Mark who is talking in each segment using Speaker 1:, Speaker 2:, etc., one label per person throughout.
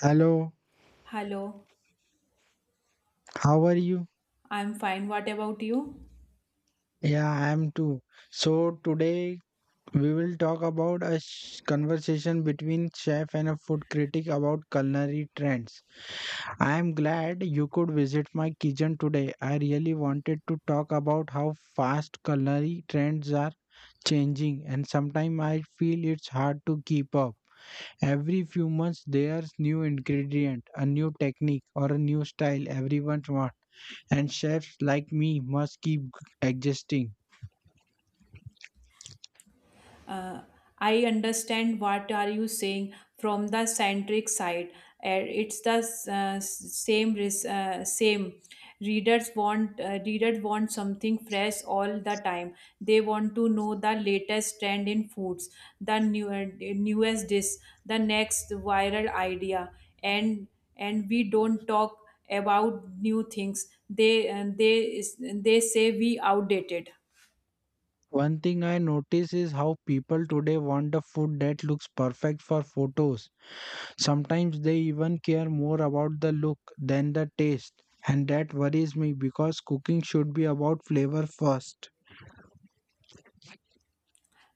Speaker 1: Hello,
Speaker 2: Hello,
Speaker 1: how are you?
Speaker 2: I'm fine. What about you?
Speaker 1: Yeah, I am too. So today we will talk about a conversation between chef and a food critic about culinary trends. I am glad you could visit my kitchen today. I really wanted to talk about how fast culinary trends are changing and sometimes I feel it's hard to keep up. Every few months there's new ingredient, a new technique or a new style everyone wants. And chefs like me must keep adjusting.
Speaker 2: Uh, I understand what are you saying from the centric side. It's the same. Readers want something fresh all the time. They want to know the latest trend in foods, the new, newest dish, the next viral idea, and we don't talk about new things. They say we outdated.
Speaker 1: One thing I notice is how people today want the food that looks perfect for photos. Sometimes they even care more about the look than the taste. And that worries me because cooking should be about flavor first.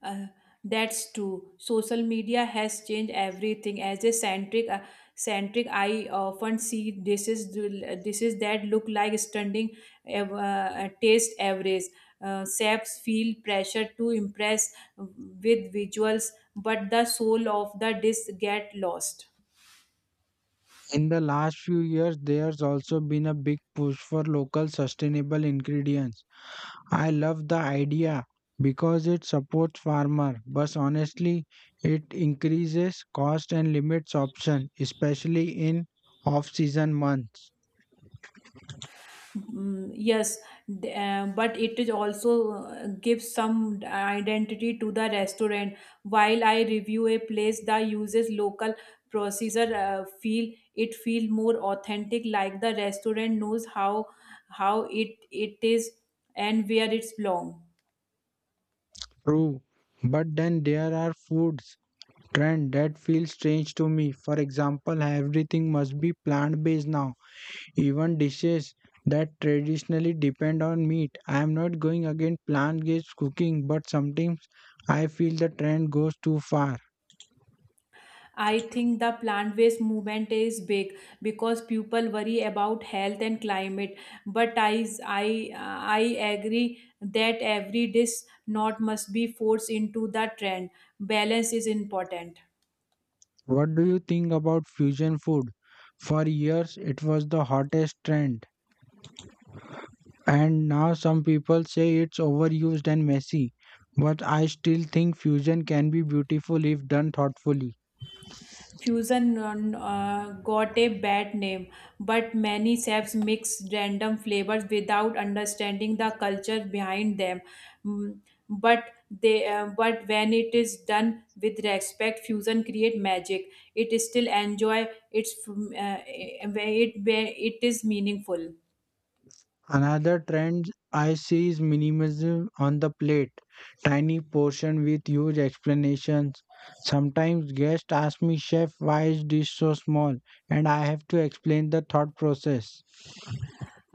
Speaker 2: Uh, that's true. Social media has changed everything. As a centric, I often see dishes, that look like stunning, taste average. Chefs feel pressure to impress with visuals, but the soul of the dish get lost.
Speaker 1: In the last few years, there's also been a big push for local sustainable ingredients. I love the idea because it supports farmer, but honestly, it increases cost and limits option, especially in off-season months.
Speaker 2: Mm, yes, but it is also gives some identity to the restaurant. While I review a place that uses local procedure, feel more authentic, like the restaurant knows how it is and where it's belong.
Speaker 1: True, but then there are foods trend that feel strange to me. For example, everything must be plant-based now, even dishes that traditionally depend on meat. I am not going against plant-based cooking, but sometimes I feel the trend goes too far.
Speaker 2: I think the plant based movement is big because people worry about health and climate. But I agree that every dish not must be forced into the trend. Balance is important.
Speaker 1: What do you think about fusion food? For years, it was the hottest trend, and now some people say it's overused and messy. But I still think fusion can be beautiful if done thoughtfully.
Speaker 2: Fusion got a bad name, but many chefs mix random flavors without understanding the culture behind them. Mm, but but when it is done with respect, fusion create magic. It still enjoy its, it is meaningful.
Speaker 1: Another trend I see is minimalism on the plate, tiny portion with huge explanations. Sometimes guests ask me, Chef, why is this so small? And I have to explain the thought process.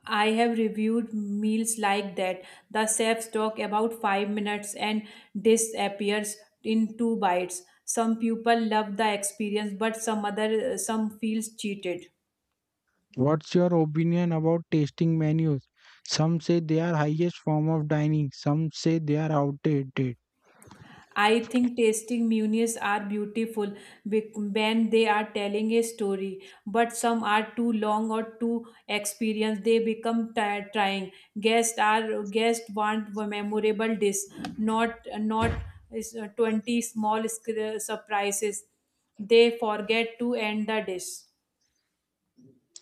Speaker 2: I have reviewed meals like that. The chefs talk about 5 minutes and disappears in 2 bites. Some people love the experience, but some other some feels cheated.
Speaker 1: What's your opinion about tasting menus? Some say they are highest form of dining, some say they are outdated.
Speaker 2: I think tasting munias are beautiful when they are telling a story, but some are too long or too experienced. They become trying. Guests want a memorable dish, not not is, 20 small surprises. They forget to end the dish.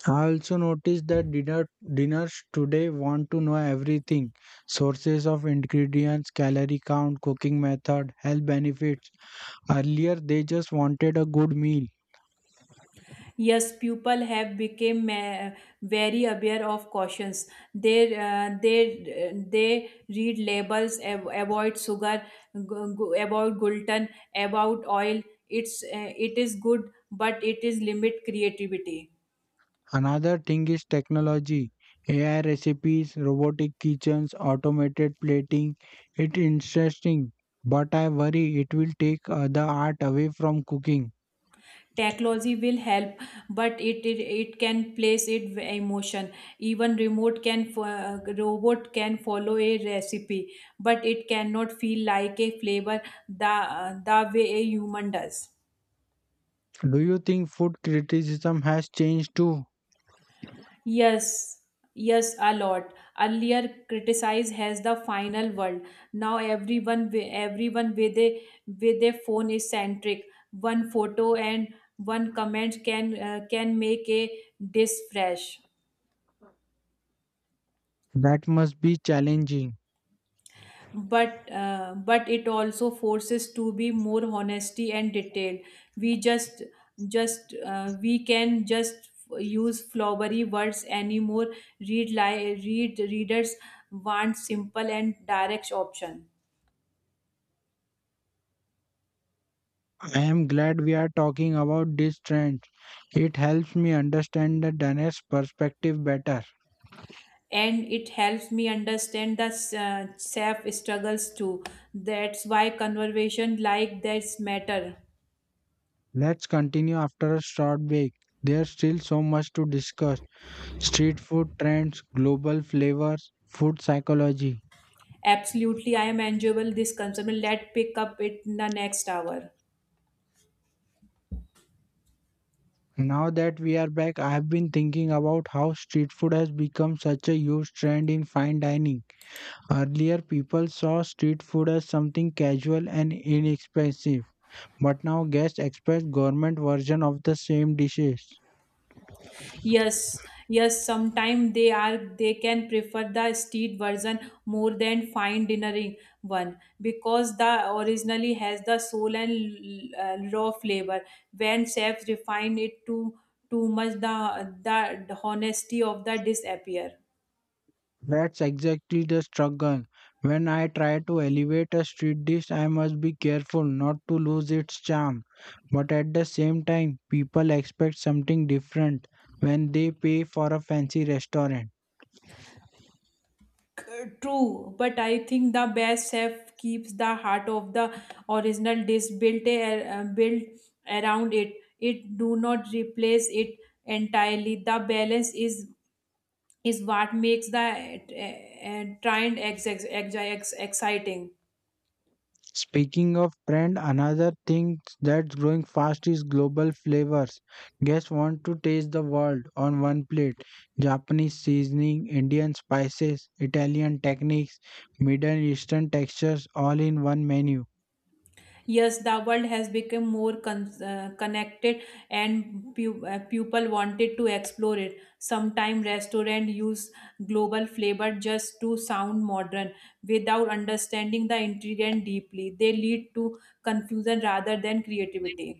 Speaker 1: I also noticed that dinners today want to know everything. Sources of ingredients, calorie count, cooking method, health benefits. Earlier they just wanted a good meal.
Speaker 2: Yes, people have become very aware of cautions. They read labels about sugar, about gluten, about oil. It is good, but it is limit creativity.
Speaker 1: Another thing is technology. AI recipes, robotic kitchens, automated plating. It's interesting, but I worry it will take the art away from cooking.
Speaker 2: Technology will help, but it can place it emotion. Even robot can follow a recipe, but it cannot feel like a flavor the the way a human does.
Speaker 1: Do you think food criticism has changed too?
Speaker 2: Yes, yes, a lot. Earlier, criticize has the final word. Now everyone, everyone with a phone is centric. One photo and one comment can make a dish fresh.
Speaker 1: That must be challenging.
Speaker 2: But it also forces to be more honesty and detail we just we can just use flowery words anymore read readers want simple and direct option.
Speaker 1: I am glad we are talking about this trend. It helps me understand the Danish perspective better.
Speaker 2: And it helps me understand the self struggles too. That's why conversation like this matter.
Speaker 1: Let's continue after a short break. There's still so much to discuss. Street food trends, global flavors, food psychology.
Speaker 2: Absolutely, I am enjoyable this concern. Let's pick up it in the next hour.
Speaker 1: Now that we are back, I have been thinking about how street food has become such a huge trend in fine dining. Earlier, people saw street food as something casual and inexpensive, but now guests expect government version of the same dishes.
Speaker 2: Yes, yes, sometimes they can prefer the street version more than fine dinnering one because the originally has the soul and raw flavor. When chefs refine it too much, the honesty of the disappear.
Speaker 1: That's exactly the struggle. When I try to elevate a street dish, I must be careful not to lose its charm. But at the same time, people expect something different when they pay for a fancy restaurant.
Speaker 2: True, but I think the best chef keeps the heart of the original dish built built around it. It do not replace it entirely. The balance is what makes the uh, trend exciting.
Speaker 1: Speaking of trend, another thing that's growing fast is global flavors. Guests want to taste the world on one plate. Japanese seasoning, Indian spices, Italian techniques, Middle Eastern textures all in one menu.
Speaker 2: Yes, the world has become connected, and people wanted to explore it. Sometimes restaurants use global flavor just to sound modern, without understanding the ingredient deeply. They lead to confusion rather than creativity.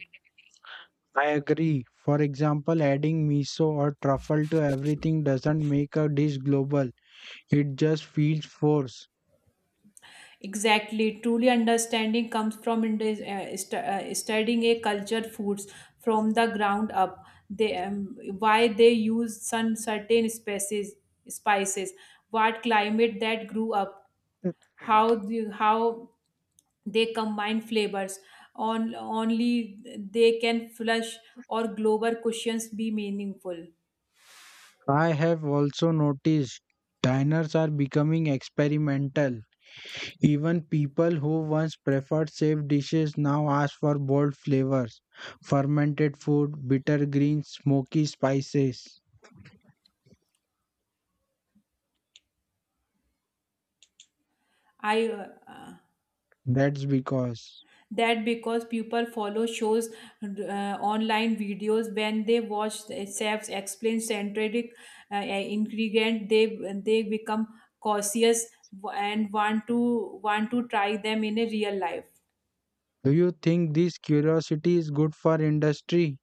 Speaker 1: I agree. For example, adding miso or truffle to everything doesn't make a dish global. It just feels forced.
Speaker 2: Exactly. Truly understanding comes from studying a culture foods from the ground up. They why they use some certain species spices, what climate that grew up, how they combine flavors. On only they can flush or global questions be meaningful.
Speaker 1: I have also noticed diners are becoming experimental. Even people who once preferred safe dishes now ask for bold flavors, fermented food, bitter greens, smoky spices.
Speaker 2: I
Speaker 1: That's because.
Speaker 2: that because people follow shows online videos. When they watch chefs explain centric ingredient, they become cautious and want to try them in a real life.
Speaker 1: Do you think this curiosity is good for industry?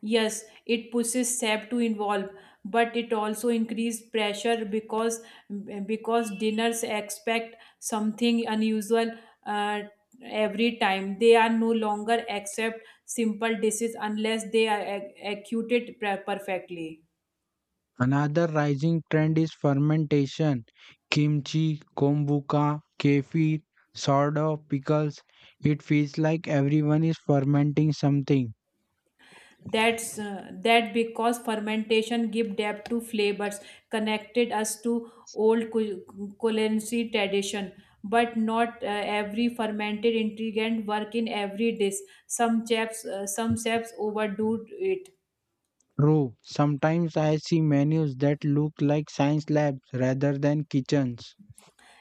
Speaker 2: Yes, it pushes SAP to involve, but it also increases pressure because dinners expect something unusual, uh, every time. They are no longer accept simple dishes unless they are executed perfectly.
Speaker 1: Another rising trend is fermentation. Kimchi, kombucha, kefir, sourdough, pickles. It feels like everyone is fermenting something.
Speaker 2: That because fermentation give depth to flavors, connected us to old culinary tradition. But not every fermented ingredient work in every dish. Some chefs overdo it.
Speaker 1: True, sometimes I see menus that look like science labs rather than kitchens.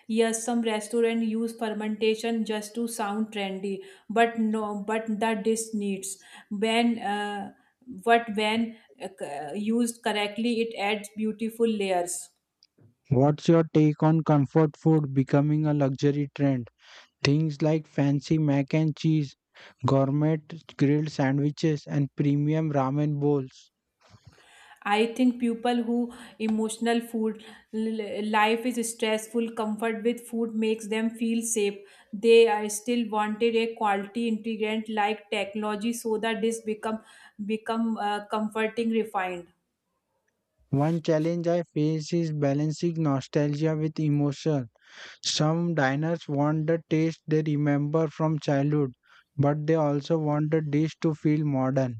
Speaker 2: Yes, some restaurant use fermentation just to sound trendy, but no, but the dish needs when what when used correctly, it adds beautiful layers.
Speaker 1: What's your take on comfort food becoming a luxury trend? Things like fancy mac and cheese, gourmet grilled sandwiches, and premium ramen bowls.
Speaker 2: I think people who emotional food life is stressful. Comfort with food makes them feel safe. They are still wanted a quality integrant like technology, so that this become become comforting refined.
Speaker 1: One challenge I face is balancing nostalgia with emotion. Some diners want the taste they remember from childhood, but they also want the dish to feel modern.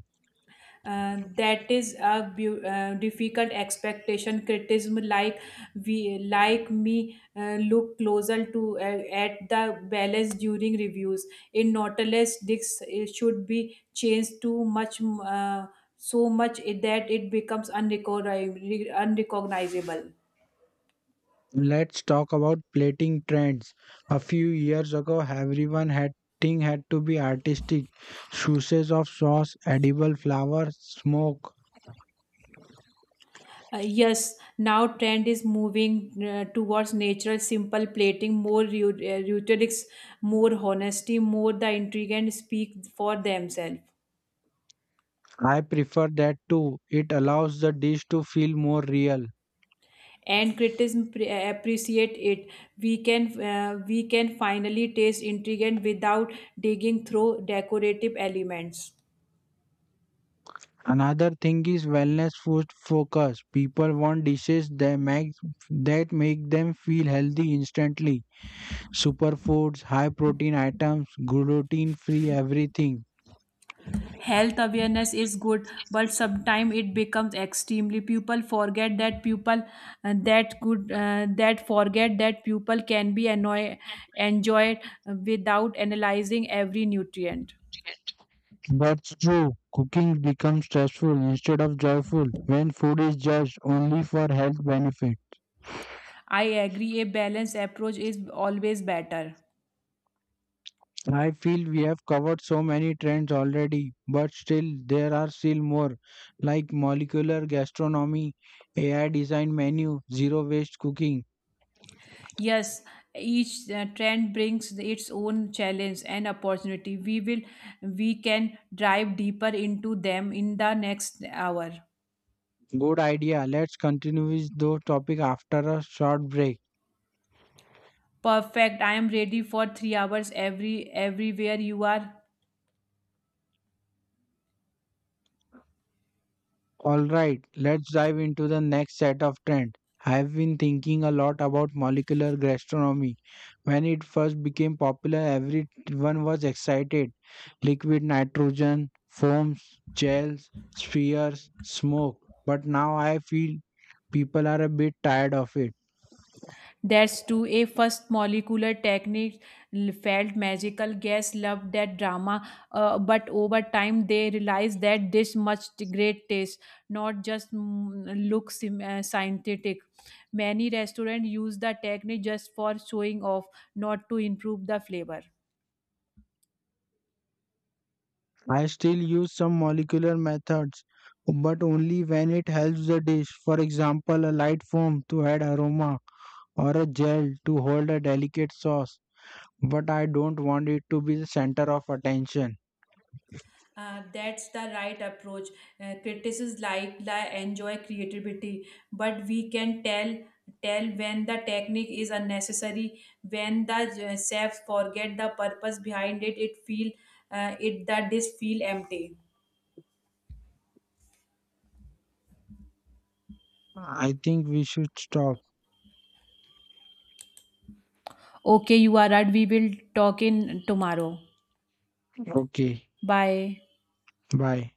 Speaker 2: That is a difficult expectation. Criticism like we like me look closer to at the balance during reviews in nautilus discs. It should be changed too much uh, so much that it becomes unrecognizable.
Speaker 1: Let's talk about plating trends. A few years ago, everyone had thing had to be artistic. Sources of sauce, edible flower, smoke.
Speaker 2: Yes, now trend is moving towards natural, simple plating, more rhetorics, more honesty, more the intriguant speak for themselves.
Speaker 1: I prefer that too. It allows the dish to feel more real.
Speaker 2: And criticism appreciate it. We can we can finally taste intriguant without digging through decorative elements.
Speaker 1: Another thing is wellness food focus. People want dishes that make them feel healthy instantly. Superfoods, high protein items, gluten free everything.
Speaker 2: Health awareness is good, but sometimes it becomes extremely people forget that people that forget that people can be annoy, enjoyed without analyzing every nutrient.
Speaker 1: That's true. Cooking becomes stressful instead of joyful when food is judged only for health benefit.
Speaker 2: I agree, a balanced approach is always better.
Speaker 1: I feel we have covered so many trends already, but still there are still more like molecular gastronomy, AI design menu, zero waste cooking.
Speaker 2: Yes, each trend brings its own challenge and opportunity. We can dive deeper into them in the next hour.
Speaker 1: Good idea. Let's continue with those topic after a short break.
Speaker 2: Perfect. I am ready for 3 hours, everywhere you are.
Speaker 1: All right, let's dive into the next set of trends. I've been thinking a lot about molecular gastronomy. When it first became popular, everyone was excited. Liquid nitrogen, foams, gels, spheres, smoke. But now I feel people are a bit tired of it.
Speaker 2: That's true. A first molecular technique felt magical. Guests loved that drama, but over time they realized that this much great taste, not just mm, look scientific. Many restaurants use the technique just for showing off, not to improve the flavor.
Speaker 1: I still use some molecular methods, but only when it helps the dish. For example, a light foam to add aroma or a gel to hold a delicate sauce. But I don't want it to be the center of attention.
Speaker 2: That's the right approach. Critics like la enjoy creativity, but we can tell when the technique is unnecessary, when the chefs forget the purpose behind it. It feel it the dish feel empty.
Speaker 1: I think we should stop.
Speaker 2: Okay, you are right. We will talk in tomorrow.
Speaker 1: Okay,
Speaker 2: Bye.
Speaker 1: bye.